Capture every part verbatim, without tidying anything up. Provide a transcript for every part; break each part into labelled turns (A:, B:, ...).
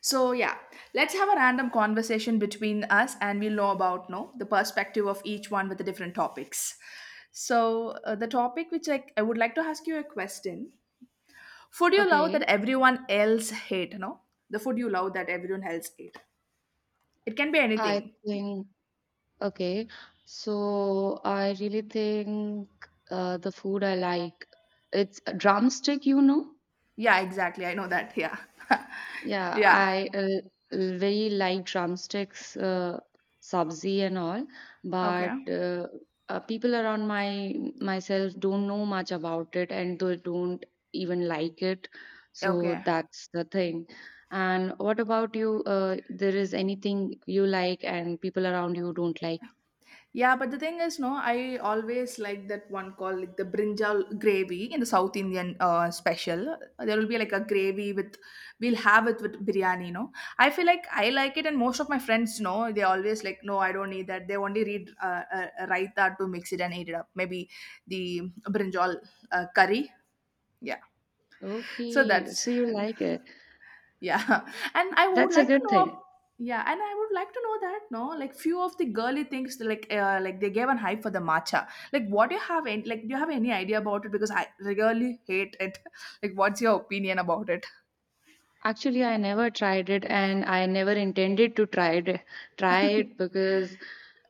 A: So yeah, let's have a random conversation between us, and we'll know about no the perspective of each one with the different topics. So uh, the topic which I, I would like to ask you a question: food you love that
B: Okay,
A: everyone else hate? No, the food you love that everyone else hate. It can be
B: I
A: anything.
B: think okay. So I really think uh, the food I like, it's a drumstick, you know.
A: Yeah, exactly. I know that. Yeah,
B: Yeah,
A: yeah.
B: I uh, very like drumsticks, uh, sabzi and all,
A: Okay.
B: but uh, uh, people around my myself don't know much about it and they don't even like it. So
A: Okay.
B: that's the thing. And what about you? Uh, there is anything you like and people around you don't like?
A: Yeah, but the thing is, no, I always like that one called like the brinjal gravy in the South Indian uh, special. There will be like a gravy with, we'll have it with biryani, no. I feel like I like it, and most of my friends, no, they always like, no, I don't need that. They only read uh, uh, raita to mix it and eat it up. Maybe the brinjal uh, curry. Yeah, so
B: Okay,
A: that's
B: so you like it.
A: yeah, and I would
B: That's a
A: like to
B: good
A: know. ab-
B: thing.
A: Yeah, and I would like to know that no, like few of the girly things, like uh, like they gave an hype for the matcha. Like, what do you have? Any, like, do you have any idea about it? Because I really hate it. Like, what's your opinion about it?
B: Actually, I never tried it and I never intended to try it, try it because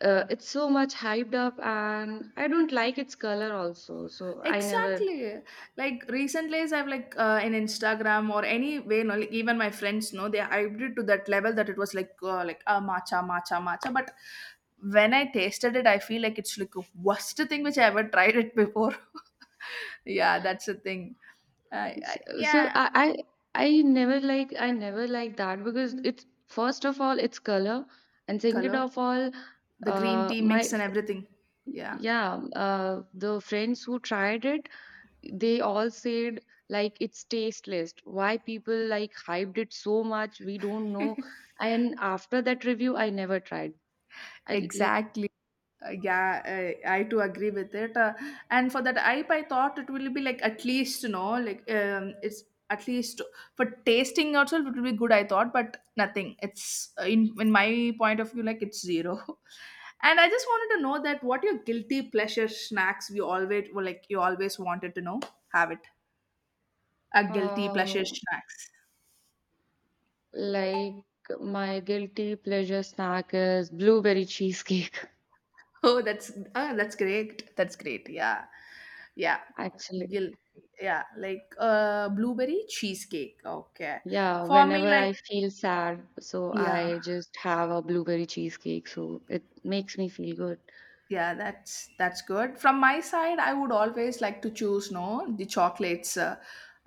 B: uh, it's so much hyped up and I don't like its color also. So I never.
A: Exactly. Like recent days, I've like uh, in Instagram or anyway, you know, like even my friends know they hyped it to that level that it was like uh, like uh, matcha, matcha, matcha. But when I tasted it, I feel like it's like the worst thing which I ever tried it before. Yeah, that's the thing. Uh, I,
B: so so
A: yeah,
B: I I, I never like, I never like that because it's, first of all, its color, and second
A: color,
B: of all
A: the green
B: uh
A: tea
B: my
A: mix and everything. Yeah,
B: yeah, uh the friends who tried it, they all said like, it's tasteless, why people like hyped it so much, we don't know. And after that review, I never tried. I l- like
A: exactly. Uh, yeah, I, I too agree with it. Uh, and for that I P A, I thought it will be like at least, you know, like um, it's at least for tasting also it will be good. I thought, but nothing. It's uh, in in my point of view, like it's zero. And I just wanted to know that what your guilty pleasure snacks you always well, like you always wanted to know have it a guilty pleasure
B: uh,
A: snacks.
B: like my guilty pleasure snack is blueberry cheesecake.
A: Oh, that's ah, that's great. That's great. Yeah, yeah.
B: Actually,
A: Gil, yeah, like uh, blueberry cheesecake. Okay,
B: yeah,
A: for me,
B: whenever I
A: like
B: feel sad, so
A: yeah,
B: I just have a blueberry cheesecake, so it makes me feel good.
A: yeah, that's that's good. From my side, I would always like to choose no the chocolates, uh,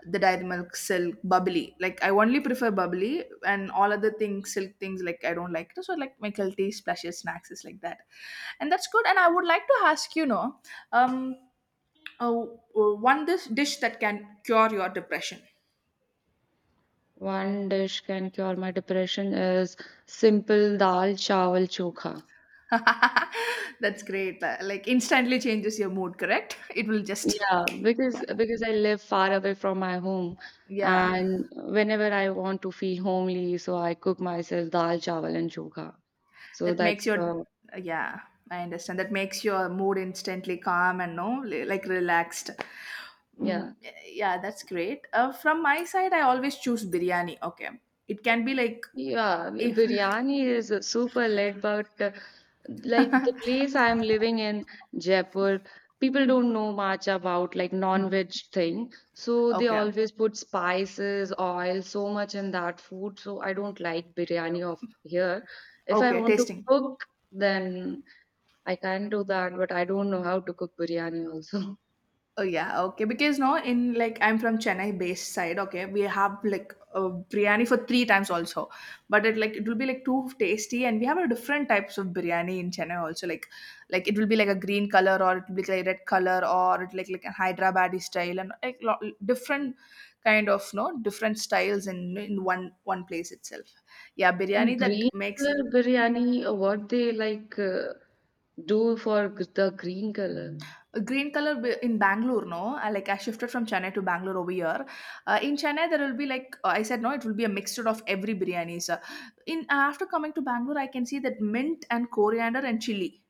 A: the dairy milk, silk, bubbly. Like I only prefer bubbly, and all other things, silk things, like I don't like it. So like my guilty splashes, snacks is like that, and that's good. And I would like to ask you, no, um, oh, oh, one this dish that can cure your depression.
B: One dish can cure my depression is simple dal chawal chokha.
A: That's great. Uh, Like instantly changes your mood. Correct? It will just
B: Yeah, because because I live far away from my home,
A: yeah.
B: and whenever I want to feel homely, so I cook myself dal chawal and chokha. So
A: That makes
B: that's
A: your,
B: uh,
A: yeah, I understand. That makes your mood instantly calm and no, like relaxed.
B: yeah,
A: Mm, yeah, that's great. Uh, from my side, I always choose biryani. Okay, it can be like
B: yeah.
A: if
B: Biryani is uh, super late, but uh, like the place I'm living in, Jaipur, people don't know much about like non-veg thing, so they
A: okay,
B: always put spices, oil, so much in that food. So I don't like biryani of here. If I
A: okay,
B: want to
A: tasting.
B: cook, then I can do that, but I don't know how to cook biryani also.
A: Oh yeah, okay. Because no, in like I'm from Chennai based side. Okay, we have like uh, biryani for three times also, but it like it will be like too tasty, and we have a different types of biryani in Chennai also. Like, like it will be like a green color, or it will be like red color, or it like like a Hyderabadi style, and like lo- different kind of no different styles in in one one place itself. Yeah,
B: In
A: biryani that
B: green
A: makes
B: color biryani, uh, what they like uh, do for g- the green color?
A: a green color b- in Bangalore, no? Uh, Like I shifted from Chennai to Bangalore over here. Uh, in Chennai, there will be like uh, I said, no, it will be a mixture of every biryanis. So in after coming to Bangalore, I can see that mint and coriander and chili,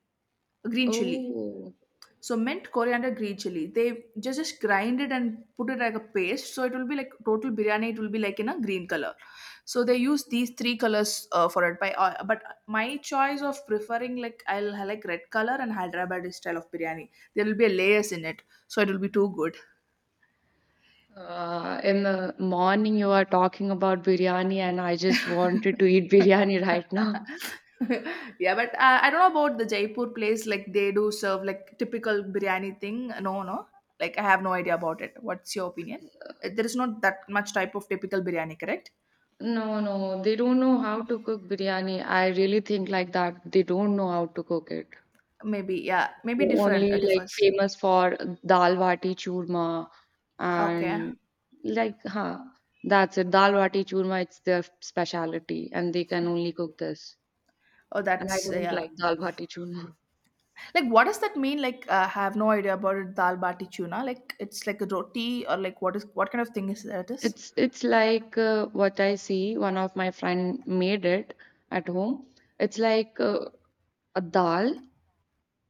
A: green chili.
B: Oh,
A: So mint, coriander, green chili. They just just grind it and put it like a paste. So it will be like total biryani. It will be like in a green color. So they use these three colors uh, for it. By uh, but my choice of preferring like I'll have like red color and Hyderabadi style of biryani. There will be a layers in it, so it will be too good.
B: uh, in the morning you are talking about biryani, and I just wanted to eat biryani right now.
A: Yeah, but uh, I don't know about the Jaipur place. Like they do serve like typical biryani thing. No, no. Like I have no idea about it. What's your opinion? Uh, There is not that much type of typical biryani, correct?
B: No, no, they don't know how to cook biryani. I really think like that. They don't know how to cook it.
A: Maybe yeah, maybe
B: They are
A: different uh,
B: only like
A: differs.
B: famous for dal bati churma
A: Okay.
B: and like huh, that's it. Dal bati churma, it's their specialty and they can only cook this.
A: Oh,
B: And I
A: that's uh,
B: don't
A: yeah.
B: like dal bati churma.
A: Like, what does that mean? Like, uh, I have no idea about it. Dal bati chuna. Like, it's like a roti or like what is what kind of thing is that is?
B: It's it's like uh, what I see. One of my friend made it at home. It's like uh, a dal,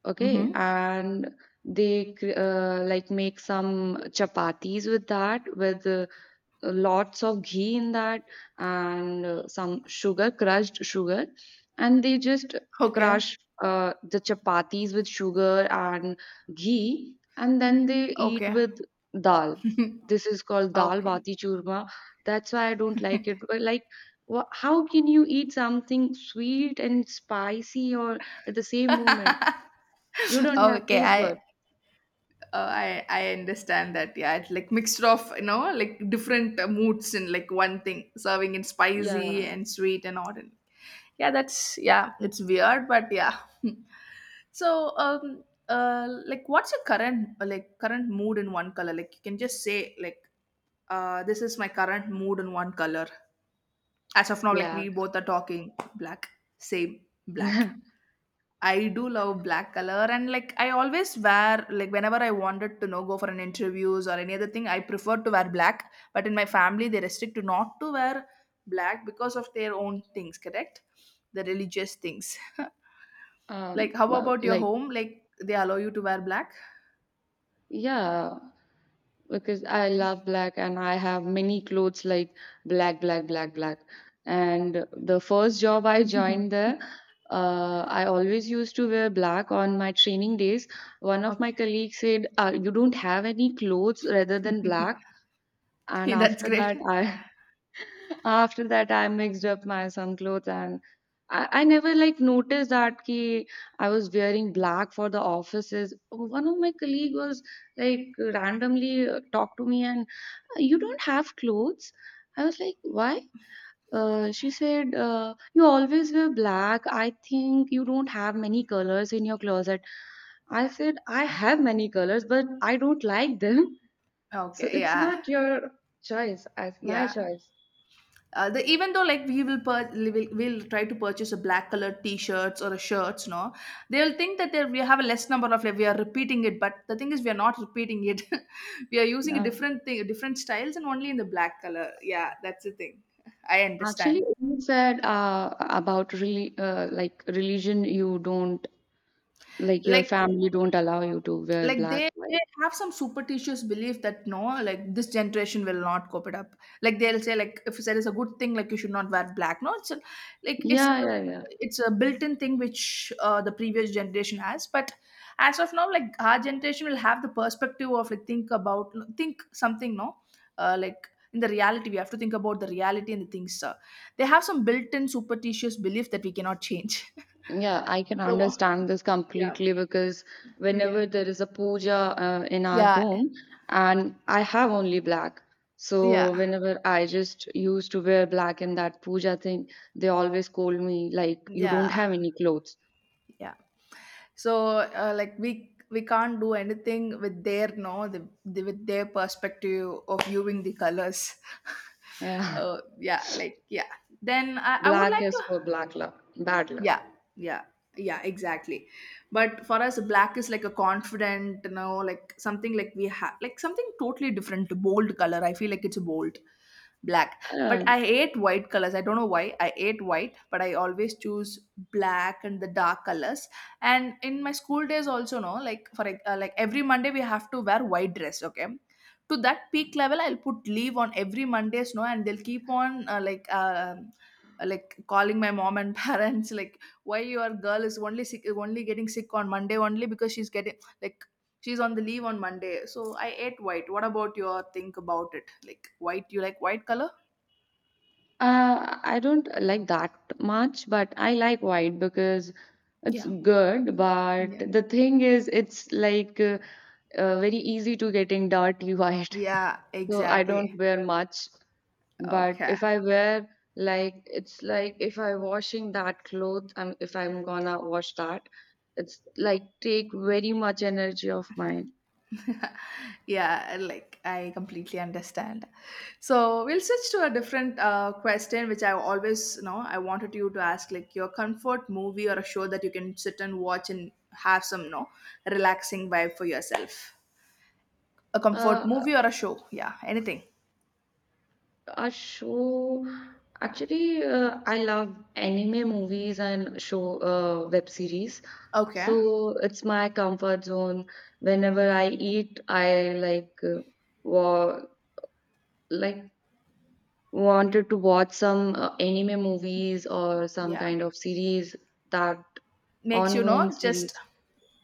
B: okay,
A: Mm-hmm.
B: and they cr- uh, like make some chapatis with that with uh, lots of ghee in that and uh, some sugar, crushed sugar, and they just
A: Okay.
B: crush uh, the chapatis with sugar and ghee, and then they eat
A: Okay.
B: with dal. This is called dal
A: Okay.
B: bati churma. That's why I don't like it. But like, wha how can you eat something sweet and spicy or at the same moment? You don't have
A: Okay,
B: taste buds.
A: I uh, I I understand that. Yeah, it's like mixture of you know like different uh, moods in like one thing, serving in spicy
B: Yeah,
A: and sweet and odd. Yeah, that's yeah, it's weird, but yeah. So um uh like what's your current uh, like current mood in one color? Like you can just say like uh, this is my current mood in one color. As of now, like
B: black.
A: we both are talking, black, same black. I do love black color and like I always wear like whenever I wanted to know go for an interviews or any other thing I prefer to wear black, but in my family they restrict to not to wear black because of their own things, correct, the religious things. Like
B: Um,
A: how
B: uh,
A: about your
B: like,
A: home, like they allow you to wear black?
B: yeah, because I love black and I have many clothes like black, black, black, black. And the first job I joined there, uh, I always used to wear black on my training days. One of my
A: Okay.
B: colleagues said, uh, you don't have any clothes rather than black. And
A: That's
B: after
A: great.
B: that, I after that, I mixed up my some clothes and I, I never like noticed that ki I was wearing black for the offices. One of my colleague was like randomly uh, talked to me and, "Uh, you don't have clothes." I was like, "Why?" Uh, she said, uh, You always wear black. I think you don't have many colors in your closet." I said, "I have many colors, but I don't like them. So
A: Okay,
B: it's
A: yeah,
B: not your choice. It's my
A: yeah.
B: choice."
A: Uh, the, even though like we will, pur- we will we'll try to purchase a black colored t-shirts or a shirts, no, they'll think that they- we have a less number of like we are repeating it, but the thing is we are not repeating it. We are using a
B: Yeah.
A: different thing, different styles, and only in the black color. Yeah, that's the thing. I
B: Actually,
A: understand.
B: you said uh, about really uh, like religion, you don't, like, your
A: Like
B: family don't allow you to wear
A: like
B: black,
A: they,
B: right?
A: they have some superstitious belief that no like this generation will not cope it up, like they'll say like if there is a good thing like you should not wear black, no it's a, like it's a,
B: Yeah, yeah, yeah.
A: it's a built-in thing which uh, the previous generation has, but as of now like our generation will have the perspective of like think about think something no, uh, like in the reality we have to think about the reality and the things. Uh, they have some built-in superstitious belief that we cannot change.
B: Yeah, I can
A: So,
B: understand this
A: yeah,
B: completely because
A: yeah,
B: whenever there is a puja uh, in our
A: yeah,
B: home, and I have only black. So
A: yeah,
B: whenever I just used to wear black in that puja thing, they always scold me like, you don't
A: yeah,
B: have any clothes.
A: yeah, So uh, like we we can't do anything with their no the, the, with their perspective of viewing the colors.
B: Yeah,
A: Uh, yeah, like yeah, then I, I would
B: black
A: like to,
B: is for black luck, bad luck.
A: yeah, yeah, yeah, exactly. But for us black is like a confident, you know like something, like we have like something totally different, bold color, I feel like it's bold black. But
B: Uh,
A: I hate white colors, I don't know why I hate white, but I always choose black and the dark colors. And in my school days also, no, like for like, uh, like every Monday we have to wear white dress, okay. To that peak level, I'll put leave on every Mondays, no, and they'll keep on uh, like uh, uh, like calling my mom and parents like, why your girl is only sick, only getting sick on Monday, only because she's getting like she's on the leave on Monday, so I ate white. What about your think about it, like white, you like white color?
B: Uh, I don't like that much, but I like white because it's
A: Yeah.
B: good. But
A: Yeah,
B: the thing is, it's like uh, uh, very easy to getting dirty white.
A: yeah,
B: So I
A: exactly,
B: don't wear much. But
A: okay,
B: if I wear, like it's like if I washing that cloth, um, if I'm gonna wash that, it's like take very much energy of mine.
A: yeah, like I completely understand. So we'll switch to a different uh, question which I always know I wanted you to ask, like your comfort movie or a show that you can sit and watch and have some no relaxing vibe for yourself, a comfort
B: Uh,
A: movie or a show, yeah, anything.
B: A show, actually, uh, I love anime movies and show uh, web series.
A: Okay,
B: So it's my comfort zone. Whenever I eat, I like uh, wa like wanted to watch some uh, anime movies or some
A: yeah,
B: kind of series, that
A: makes you
B: ongoing
A: know just
B: series.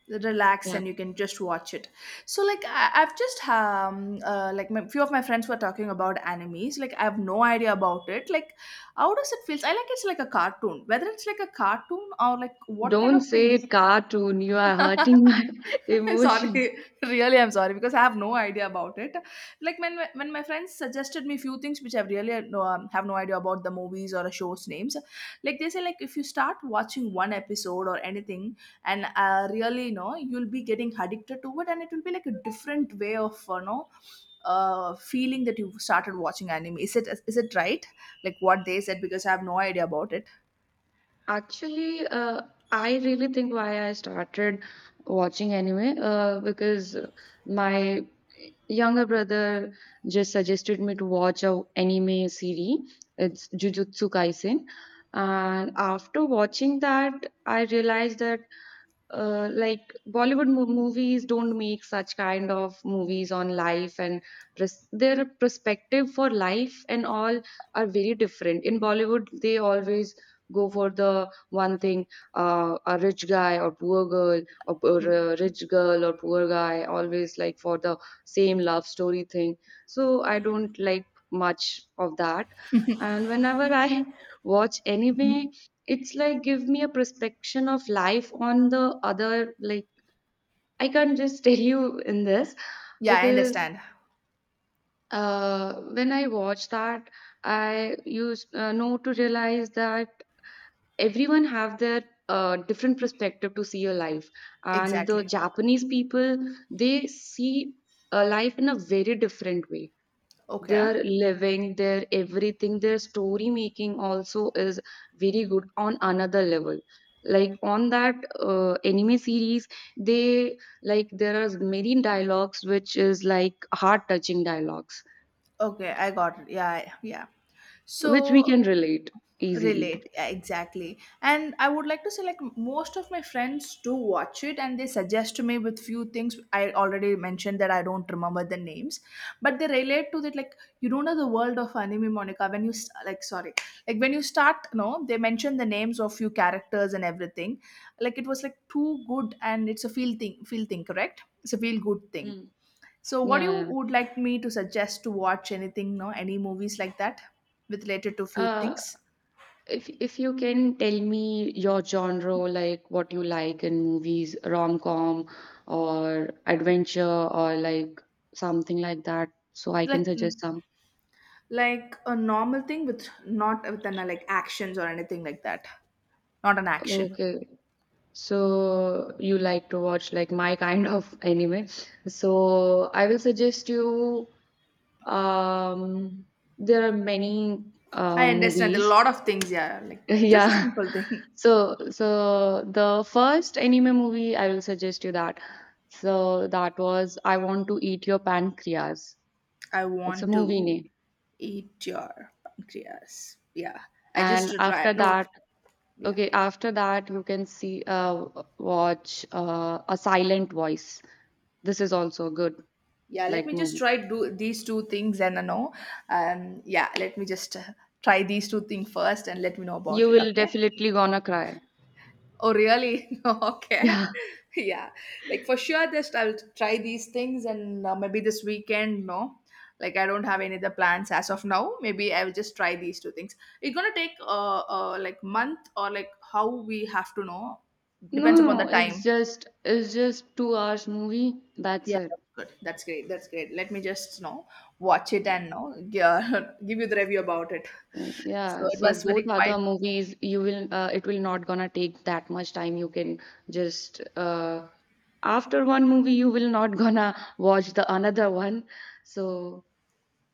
A: relax
B: Yeah.
A: and you can just watch it. So like I, I've just um uh, like my, few of my friends were talking about animes, like I have no idea about it, like how does it feel? I like it's like a cartoon, whether it's like a cartoon or like what kind
B: Don't
A: of thing?
B: say cartoon. You are hurting my emotion.
A: Sorry, really I'm sorry because I have no idea about it. Like when when my friends suggested me few things which I really had no, um, have no idea about the movies or a show's names, like they say like if you start watching one episode or anything, and uh, really you know you'll be getting addicted to it, and it will be like a different way of you know uh, feeling that you started watching anime. Is it is it right, like what they said? Because I have no idea about it.
B: Actually, uh, I really think why I started watching anime uh, because my younger brother just suggested me to watch a anime series. It's Jujutsu Kaisen. And after watching that, I realized that uh, like Bollywood mo- movies don't make such kind of movies on life, and pres- their perspective for life and all are very different. In Bollywood, they always go for the one thing, uh, a rich guy or poor girl, or, or a rich girl or poor guy, always like for the same love story thing. So I don't like much of that. And whenever I watch anime, it's like give me a perspective of life on the other. Like I can't just tell you in this
A: Yeah, I
B: because
A: understand,
B: uh, when I watch that, I used uh, know to realize that everyone have their uh, different perspective to see your life. And the
A: exactly,
B: Japanese people, they see a life in a very different way.
A: okay.
B: Their living, their everything, their story making also is very good on another level. Like on that uh, anime series, they like there are many dialogues which is like heart touching dialogues
A: Okay, I got it. Yeah, I- yeah.
B: which we
A: So
B: can relate easily.
A: relate, yeah, exactly. And I would like to say, like, most of my friends do watch it and they suggest to me with few things I already mentioned that I don't remember the names, but they relate to that. Like, you don't know the world of anime, Monica, when you s- like, sorry. Like when you start, no, they mention the names of few characters and everything. Like, it was like too good and it's a feel thing feel thing, correct? It's a feel good thing.
B: Mm.
A: So, what
B: Yeah,
A: you
B: yeah.
A: would like me to suggest to watch, anything, no? Any movies like that with related to few
B: Uh,
A: things,
B: if if you can tell me your genre, like what you like in movies, rom-com or adventure or like something like that, so I can
A: like, mm,
B: suggest.
A: like a normal thing with not with an uh, like actions or anything like that, not an action.
B: Okay, so you like to watch like my kind of anime. So I will suggest you, um there are many uh,
A: I understand a
B: movies.
A: lot of things, yeah. Like just a
B: Yeah.
A: simple thing.
B: So so the first anime movie I will suggest you that. So that was I Want to Eat Your Pancreas.
A: I
B: It's a
A: want
B: movie
A: to
B: name.
A: eat your pancreas. Yeah, I just
B: And
A: to try.
B: after
A: No,
B: that,
A: yeah.
B: okay, after that you can see uh watch uh, A Silent Voice. This is also good.
A: Yeah, let
B: Like
A: me just
B: movie.
A: try do these two things and uh, know. um yeah, let me just uh, try these two things first and let me know about
B: You
A: it,
B: will
A: okay.
B: definitely gonna cry.
A: Oh, really? Okay.
B: Yeah.
A: Yeah, like for sure, just I'll try these things and uh, maybe this weekend, no. Like, I don't have any other plans as of now, maybe I will just try these two things. It's gonna take uh, uh like month or like, how, we have to know.
B: No,
A: Depends
B: no,
A: upon the
B: no, it's
A: time.
B: just, it's just two hours movie. That's
A: Yeah,
B: it.
A: that's good. That's great. That's great. Let me just, you know, watch it and, you know, yeah, give you the review about it.
B: Like,
A: So
B: yeah.
A: it
B: So
A: was
B: both
A: very
B: other
A: quite.
B: movies, you will uh, it will not gonna take that much time. You can just uh, after one movie, you will not gonna watch the another one. So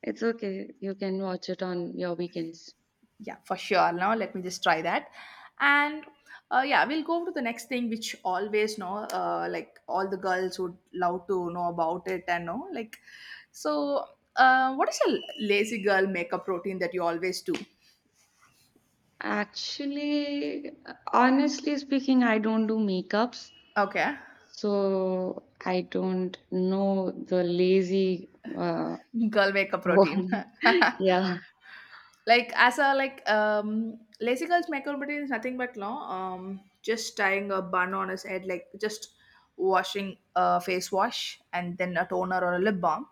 B: it's okay. You can watch it on your weekends.
A: Yeah, for sure. Now let me just try that, and uh, yeah, we'll go to the next thing, which, always, you know, uh, like all the girls would love to know about it and know, like, so. Uh, what is a lazy girl makeup routine that you always do?
B: Actually, honestly speaking, I don't do makeups.
A: Okay.
B: So I don't know the lazy uh,
A: Girl makeup routine.
B: one. Yeah.
A: Like, as a like, um lazy girls makeup routine is nothing but no, um just tying a bun on his head, like, just washing a face wash and then a toner or a lip balm,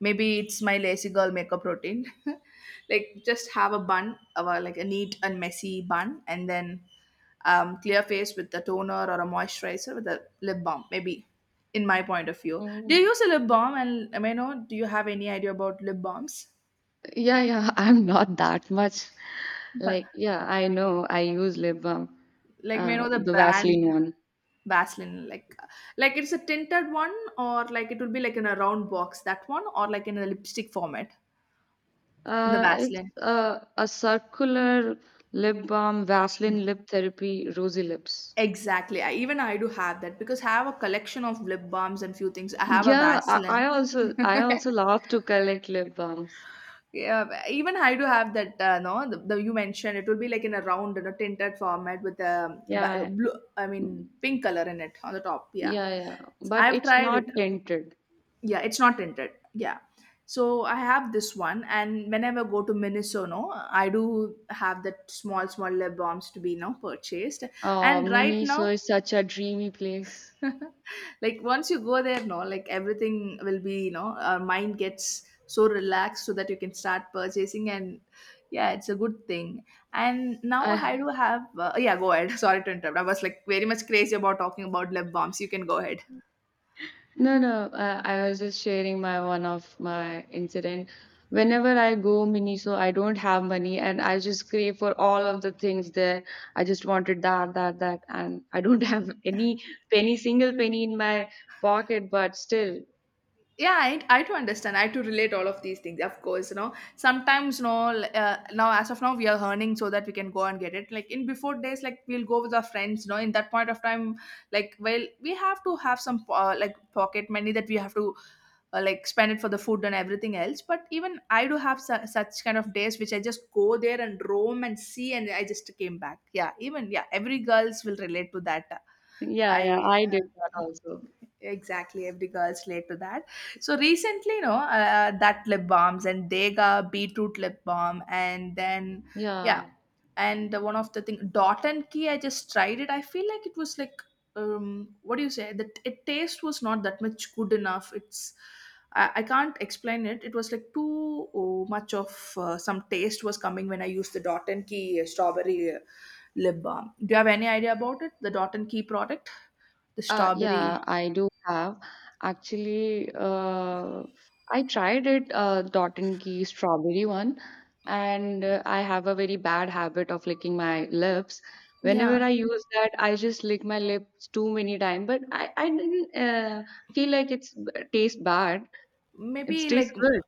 A: maybe it's my lazy girl makeup routine. Like, just have a bun of a, like, a neat and messy bun, and then um, clear face with the toner or a moisturizer with a lip balm, maybe, in my point of view. Do you
B: Mm.
A: use a lip balm? And may I know, do you have any idea about lip balms?
B: Yeah, yeah, I'm not that much.
A: But,
B: Like, yeah, I know I use lip balm,
A: like, may I
B: uh,
A: know the
B: the Vaseline
A: brand?
B: one.
A: Vaseline, like like it's a tinted one, or like it will be like in a round box, that one, or like in a lipstick format in the
B: Uh, it's
A: Vaseline?
B: uh, a circular lip balm, Vaseline lip therapy, rosy lips.
A: Exactly. I, even I do have that because I have a collection of lip balms and few things. I have a
B: Yeah, I, I
A: Vaseline.
B: also, I also love to collect lip balms.
A: Yeah, even I do have that. Uh, no, the, the you mentioned it will be like in a round, you know, tinted format with a, ba-
B: Yeah,
A: blue. I mean, pink color in it on the top. Yeah,
B: yeah, yeah, but
A: I've
B: it's
A: tried
B: not
A: it.
B: tinted.
A: Yeah, it's not tinted. Yeah, so I have this one, and whenever I go to Minisono, I do have that small, small lip balms to be now purchased.
B: Oh,
A: And right now,
B: Miniso is so, such a dreamy place.
A: like, once you go there, no, like, everything will be, you know, our mind gets so relaxed so that you can start purchasing, and yeah, it's a good thing. And now
B: I
A: I do have uh, yeah, go ahead. Sorry to interrupt, I was like very much crazy about talking about lip balms, you can go ahead.
B: no no. I, I was just sharing my one of my incident. Whenever I go Miniso, I don't have money, and I just crave for all of the things there. I just wanted that, that, that, and I don't have any penny, single penny in my pocket. But still,
A: Yeah, I, I to understand, I to relate all of these things, of course, you know. Sometimes, you know, l- uh, now as of now we are earning, so that we can go and get it, like, in before days, like, we'll go with our friends, you know, in that point of time. Like, well, we have to have some uh, like pocket money that we have to uh, like spend it for the food and everything else. But even I do have su- such kind of days which I just go there and roam and see, and I just came back. Yeah, even, yeah, every girls will relate to that.
B: yeah, yeah,
A: I
B: I did
A: uh,
B: that also.
A: Exactly, every girl's relate to that. So recently, you know, uh, uh, that lip balms and Dega beetroot lip balm, and then yeah,
B: Yeah.
A: and the one of the thing Dot and Key. I just tried it. I feel like it was like, um, what do you say, that it taste was not that much good enough. It's, I, I can't explain it. It was like too, oh, much of uh, some taste was coming when I used the Dot and Key uh, strawberry uh, lip balm. Do you have any idea about it? The Dot and Key product, the
B: Uh, yeah,
A: strawberry.
B: I do have. Actually, uh, I tried it, uh, Dot and Key strawberry one, and uh, I have a very bad habit of licking my lips.
A: Yeah.
B: Whenever I use that, I just lick my lips too many times, but I, I didn't uh, feel like it's b- taste bad. It
A: Maybe,
B: tastes
A: like,
B: good.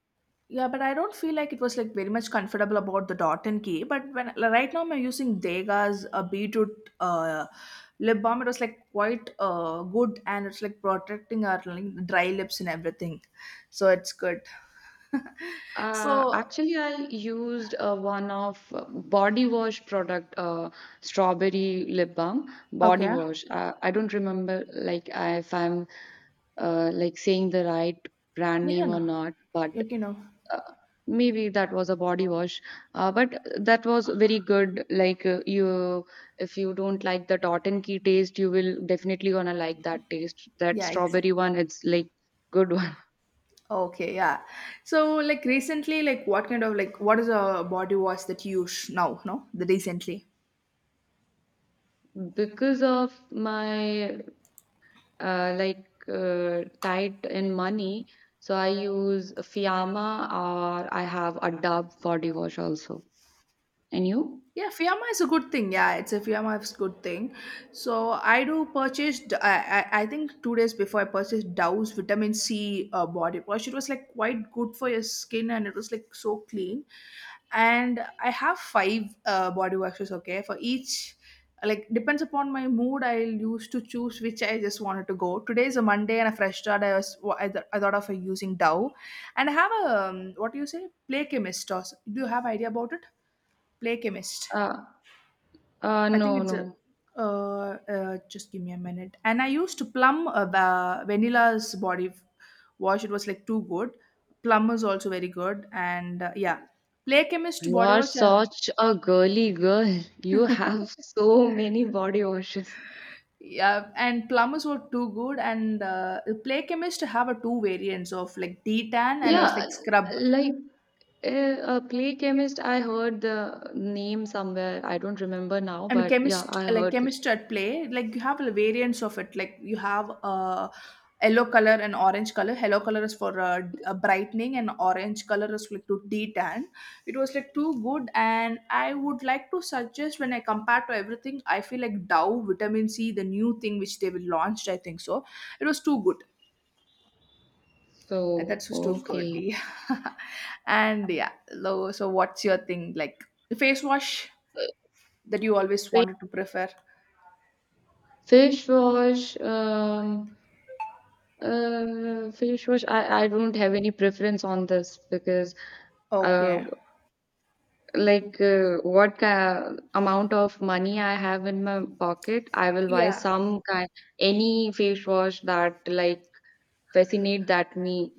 A: yeah, but I don't feel like it was like very much comfortable about the Dot and Key. But when, like, right now I'm using Dega's uh, beetroot uh, lip balm, it was like quite uh, good, and it's like protecting our, like, dry lips and everything, so it's good.
B: Uh,
A: So,
B: actually, I used uh, one of uh, body wash product, uh, strawberry lip balm, body
A: okay,
B: wash. Uh, I don't remember like I, if I'm uh, like saying the right brand
A: yeah,
B: name
A: no,
B: or not, but
A: okay, no,
B: uh, maybe that was a body wash, uh, but that was very good. Like uh, you, if you don't like the tot and key taste, you will definitely gonna like that taste, that
A: yeah, ex-
B: strawberry one. It's like good one.
A: okay, yeah. So, like, recently, like, what kind of, like, what is a body wash that you use now, no, the recently?
B: Because of my uh, like uh, tight in money, so I use Fiamma or I have a dub body wash also. And you
A: Yeah, Fiamma is a good thing. Yeah, it's a Fiamma is good thing. So I do purchased. I, I I think two days before I purchased Dow's vitamin C uh, body wash. It was like quite good for your skin and it was like so clean. And I have five uh, body washes. Okay, for each, like, depends upon my mood. I'll use to choose which I just wanted to go. Today is a Monday and a fresh start. I was I, th- I thought of using Dow, and I have a um, what do you say, Play Chemist. Or, do you have idea about it? Play Chemist.
B: uh, uh
A: I think
B: no
A: it's a.
B: no
A: Uh, uh, just give me a minute. And I used Plum uh, ba- Vanilla's body f- wash. It was like too good. Plum is also very good. And uh, yeah, Play Chemist
B: You
A: body
B: are
A: wash. Uh,
B: such a girly girl. You have so many body washes.
A: yeah, and Plumbers were too good. And uh, Play Chemist have a two variants of like D tan and was
B: Yeah,
A: like scrub.
B: like uh, a clay chemist, I heard the name somewhere. I don't remember now,
A: I mean,
B: but yeah,
A: Chemist,
B: I
A: like
B: heard it.
A: Chemistry at Play. Like, you have variants of it. Like, you have uh, yellow color and orange color. Yellow color is for uh, d- uh, brightening, and orange color is like to detan. It was like too good, and I would like to suggest, when I compare to everything, I feel like Dow vitamin C, the new thing which they will launched, I think so, it was too good. Uh,
B: So,
A: That was too good.
B: okay.
A: Yeah, and yeah. lo- So what's your thing, like, the face wash that you always
B: Fa-
A: wanted to prefer?
B: Fish wash, um, uh, fish wash. I, I don't have any preference on this because uh,
A: Okay.
B: like uh, what ki- amount of money I have in my pocket, I will buy
A: Yeah.
B: some kind, any face wash that like fascinate that me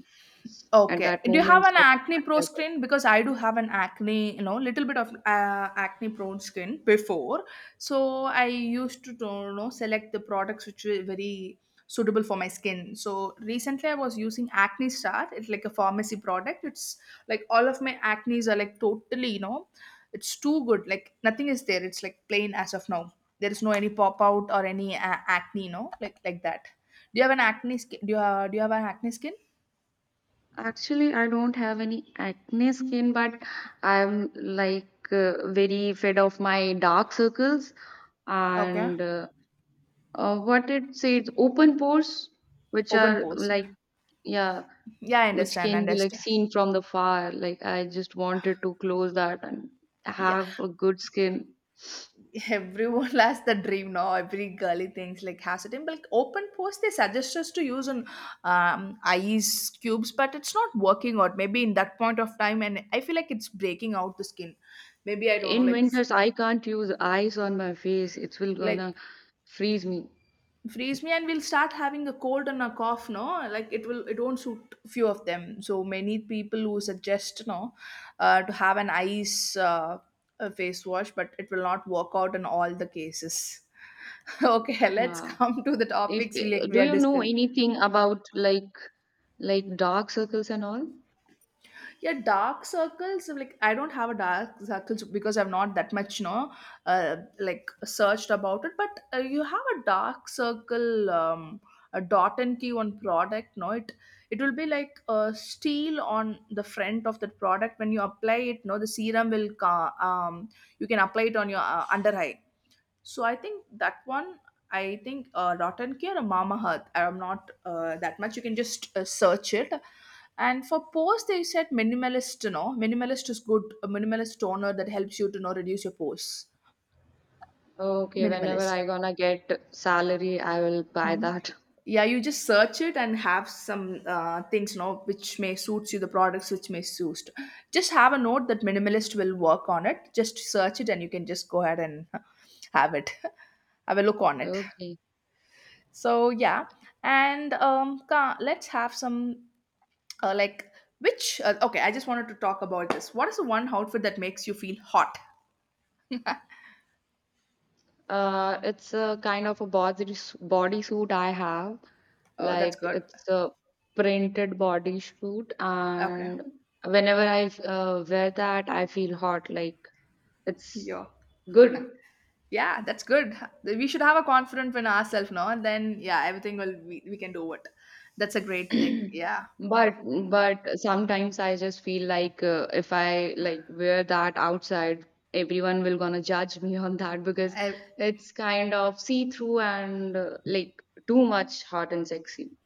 B: at
A: Okay.
B: that
A: Do you have
B: moment.
A: an
B: So
A: acne
B: I
A: pro
B: have it.
A: skin? Because I do have an acne, you know, little bit of uh, acne prone skin before. So I used to, you know, select the products which were very suitable for my skin. So recently I was using Acne Star. It's like a pharmacy product. It's like all of my acnes are like totally, you know, it's too good. Like, nothing is there. It's like plain as of now. There is no any pop out or any uh, acne, you know, like like that. Do you have an acne skin? Do you have, do you have an acne skin?
B: Actually, I don't have any acne skin, but I'm like uh, very fed of my dark circles
A: Okay.
B: and uh, uh, what it says open pores, which
A: Open
B: are
A: pose.
B: like. Yeah,
A: Yeah, I
B: which
A: understand.
B: can be like
A: Understand.
B: seen from the far. Like I just wanted to close that and
A: Yeah.
B: have a good skin.
A: Everyone has the dream now. Every girly things like has it. In like open pose, they suggest us to use on um, ice cubes, but it's not working out. Maybe in that point of time, and I feel like it's breaking out the skin. Maybe I don't know.
B: In
A: Like
B: winters, I can't use ice on my face. It will
A: like
B: gonna freeze me.
A: freeze me, and we'll start having a cold and a cough, no, like, it will, it won't suit few of them. So many people who suggest no uh, to have an ice uh, a face wash, but it will not work out in all the cases. Okay, let's
B: Yeah.
A: come to the
B: If,
A: topics we, like, we
B: do
A: are
B: you know
A: discuss.
B: anything about like like dark circles and all?
A: Yeah, dark circles, like, I don't have a dark circles, because I've not that much, you know, uh, like searched about it. But uh, you have a dark circle, um, a Dot and Key on product, no, it, it will be like a steel on the front of that product. When you apply it, no, the serum will ca- um you can apply it on your uh, under eye. So I think that one, I think uh, Rotten Care or Mama Hearth. I'm not uh, that much. You can just uh, search it. And for pores, they said minimalist. You know, minimalist is good. A minimalist toner that helps you to you know reduce your pores.
B: Okay, whenever
A: Minimalist.
B: I gonna get salary, I will buy
A: Mm.
B: that.
A: Yeah, you just search it and have some uh, things, you know, which may suits you, the products which may suit. Just have a note that minimalist will work on it. Just search it and you can just go ahead and have it, have a look on it.
B: Okay.
A: So yeah, and um, ca- let's have some uh, like which uh, okay. I just wanted to talk about this. What is the one outfit that makes you feel hot?
B: Uh, it's a kind of a body bodysuit I have.
A: Oh, that's
B: Like
A: good.
B: it's a printed body suit,
A: Okay,
B: and whenever I uh, wear that, I feel hot. Like it's
A: yo,
B: good.
A: yeah, that's good. We should have a confidence in ourselves, no? And then yeah, everything will we, we can do it. That's a great thing. Yeah,
B: But but sometimes I just feel like uh, if I like wear that outside, everyone will gonna judge me on that because
A: I,
B: it's kind of see-through and uh, like too much hot and sexy.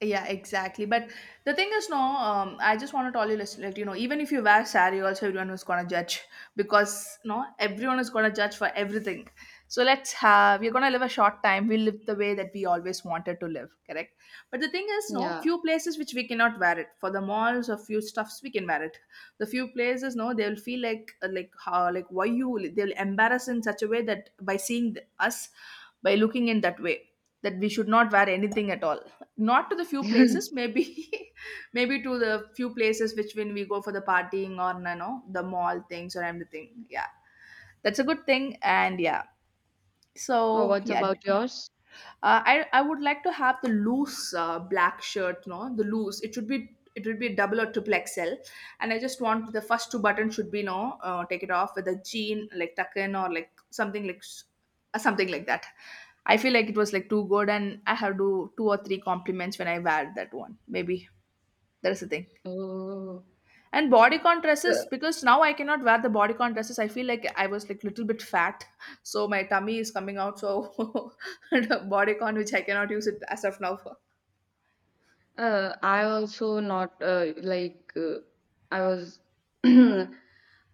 A: yeah, exactly. But the thing is, no, um, I just want to tell you, listen, like, you know, even if you wear sari, also everyone is gonna judge because no, everyone is gonna judge for everything. So let's have we're gonna live a short time. We live the way that we always wanted to live, correct? But the thing is, no,
B: Yeah.
A: few places which we cannot wear it. For the malls or few stuffs we can wear it. The few places, no, they'll feel like like how like why you they'll embarrass in such a way that by seeing us, by looking in that way that we should not wear anything at all, not to the few places maybe. Maybe to the few places which when we go for the partying or you know the mall things or anything, yeah, that's a good thing. And yeah,
B: Oh,
A: so
B: what's
A: yeah,
B: about yours?
A: uh, I I would like to have the loose uh, black shirt, no, the loose. It should be it would be double or triple X L, and I just want the first two buttons should be no, uh, take it off with a jean like tuck in or like something like s- uh, something like that. I feel like it was like too good, and I have to two or three compliments when I wear that one. Maybe that is the thing.
B: Oh,
A: And bodycon dresses,
B: uh,
A: because now I cannot wear the bodycon dresses. I feel like I was like little bit fat, so my tummy is coming out. So bodycon, which I cannot use it as of now.
B: uh, I also not uh, like uh, I was uh,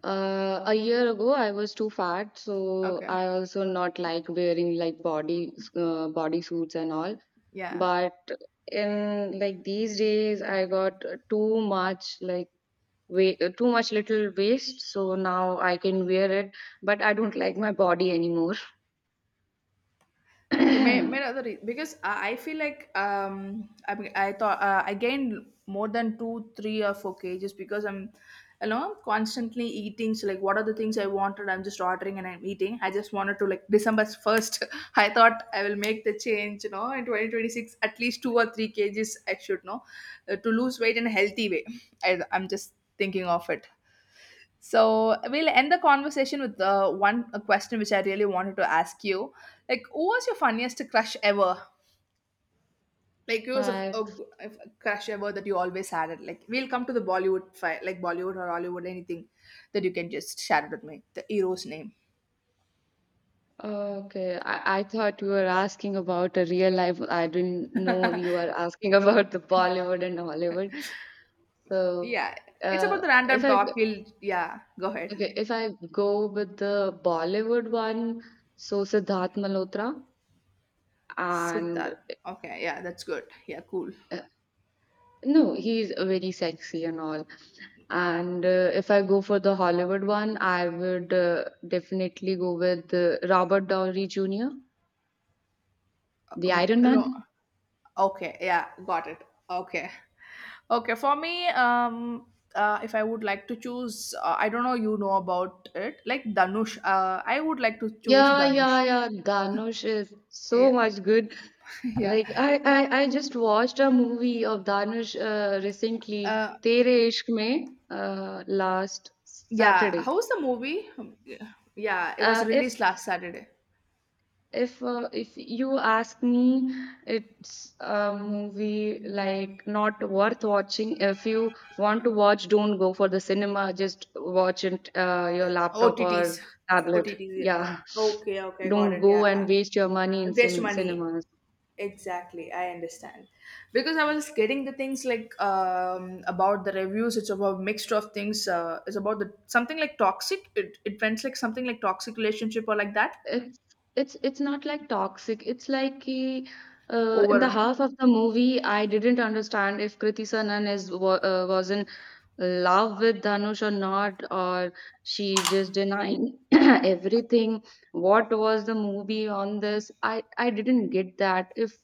B: a year ago. I was too fat, so
A: Okay,
B: I also not like wearing like body uh, body suits and all.
A: yeah.
B: But in like these days, I got too much like weight, too much little waist. So now I can wear it, but I don't like my body anymore.
A: So may, may other rea- because I I feel like um, I mean, I thought uh, I gained more than two, three or four kgs because I'm you know constantly eating so like what are the things I wanted I'm just ordering and I'm eating. I just wanted to like December first. I thought I will make the change, you know, in twenty twenty-six, at least two or three kgs I should know, uh, to lose weight in a healthy way. I, I'm just thinking of it. So we'll end the conversation with uh, one a question which I really wanted to ask you. Like, who was your funniest crush ever? Like, who was a,
B: My.
A: a, a crush ever that you always had? It like, we'll come to the Bollywood, fi- like Bollywood or Hollywood, anything that you can just share it with me. The hero's name.
B: Okay, I, I thought you were asking about a real life. I didn't know you were asking about the Bollywood and Hollywood. So,
A: Yeah, it's about
B: uh,
A: the random
B: if I g-
A: talk. We'll yeah, go ahead.
B: okay, if I go with the Bollywood one, so Siddharth Malhotra, and
A: Siddharth. Okay, yeah, that's good. Yeah, cool.
B: uh, no, he's very sexy and all. And uh, if I go for the Hollywood one, I would uh, definitely go with uh, Robert Downey Junior, the
A: Um,
B: Iron
A: hello.
B: Man.
A: Okay, yeah, got it. Okay. Okay, for me, um, uh, if I would like to choose, uh, I don't know, you know about it, like Danush. Uh, I would like to choose
B: Yeah,
A: Danush.
B: yeah, yeah. Dhanush is so
A: Yeah,
B: much good.
A: yeah,
B: Like I, I, I just watched a movie of Dhanush uh, recently,
A: uh,
B: Tere Ishq Mein, uh, last
A: yeah.
B: Saturday.
A: How was the movie? Yeah, it was
B: Uh, if
A: released last Saturday.
B: if uh, if you ask me, it's a movie like not worth watching. If you want to watch, don't go for the cinema. Just watch it uh, your laptop or
A: O T Ts,
B: tablet.
A: O T Ts. Yeah.
B: Yeah,
A: Okay, okay, got
B: don't
A: it.
B: go
A: Yeah,
B: and waste your money in
A: waste
B: cin-
A: money.
B: cinema.
A: Exactly, I understand. Because I was getting the things like um, about the reviews. It's about mixture of things. Uh, it's about the something like toxic. It it went like something like toxic relationship or like that.
B: It's it's it's not like toxic. It's like ki, uh, in the
A: Over
B: half of the movie, I didn't understand if Kriti Sanan is wa uh, was in love with Dhanush or not, or she just denying everything. What was the movie on this? I I didn't get that. If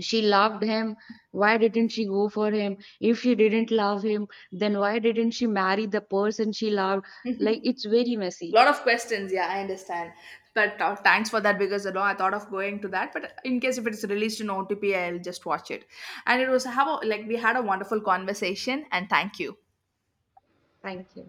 B: she loved him, why didn't she go for him? If she didn't love him, then why didn't she marry the person she loved? Like it's very messy.
A: lot of questions. Yeah, I understand. But uh, thanks for that because you know, I thought of going to that. But in case if it's released in O T P, I'll just watch it. And it was how like we had a wonderful conversation. And thank you.
B: Thank you.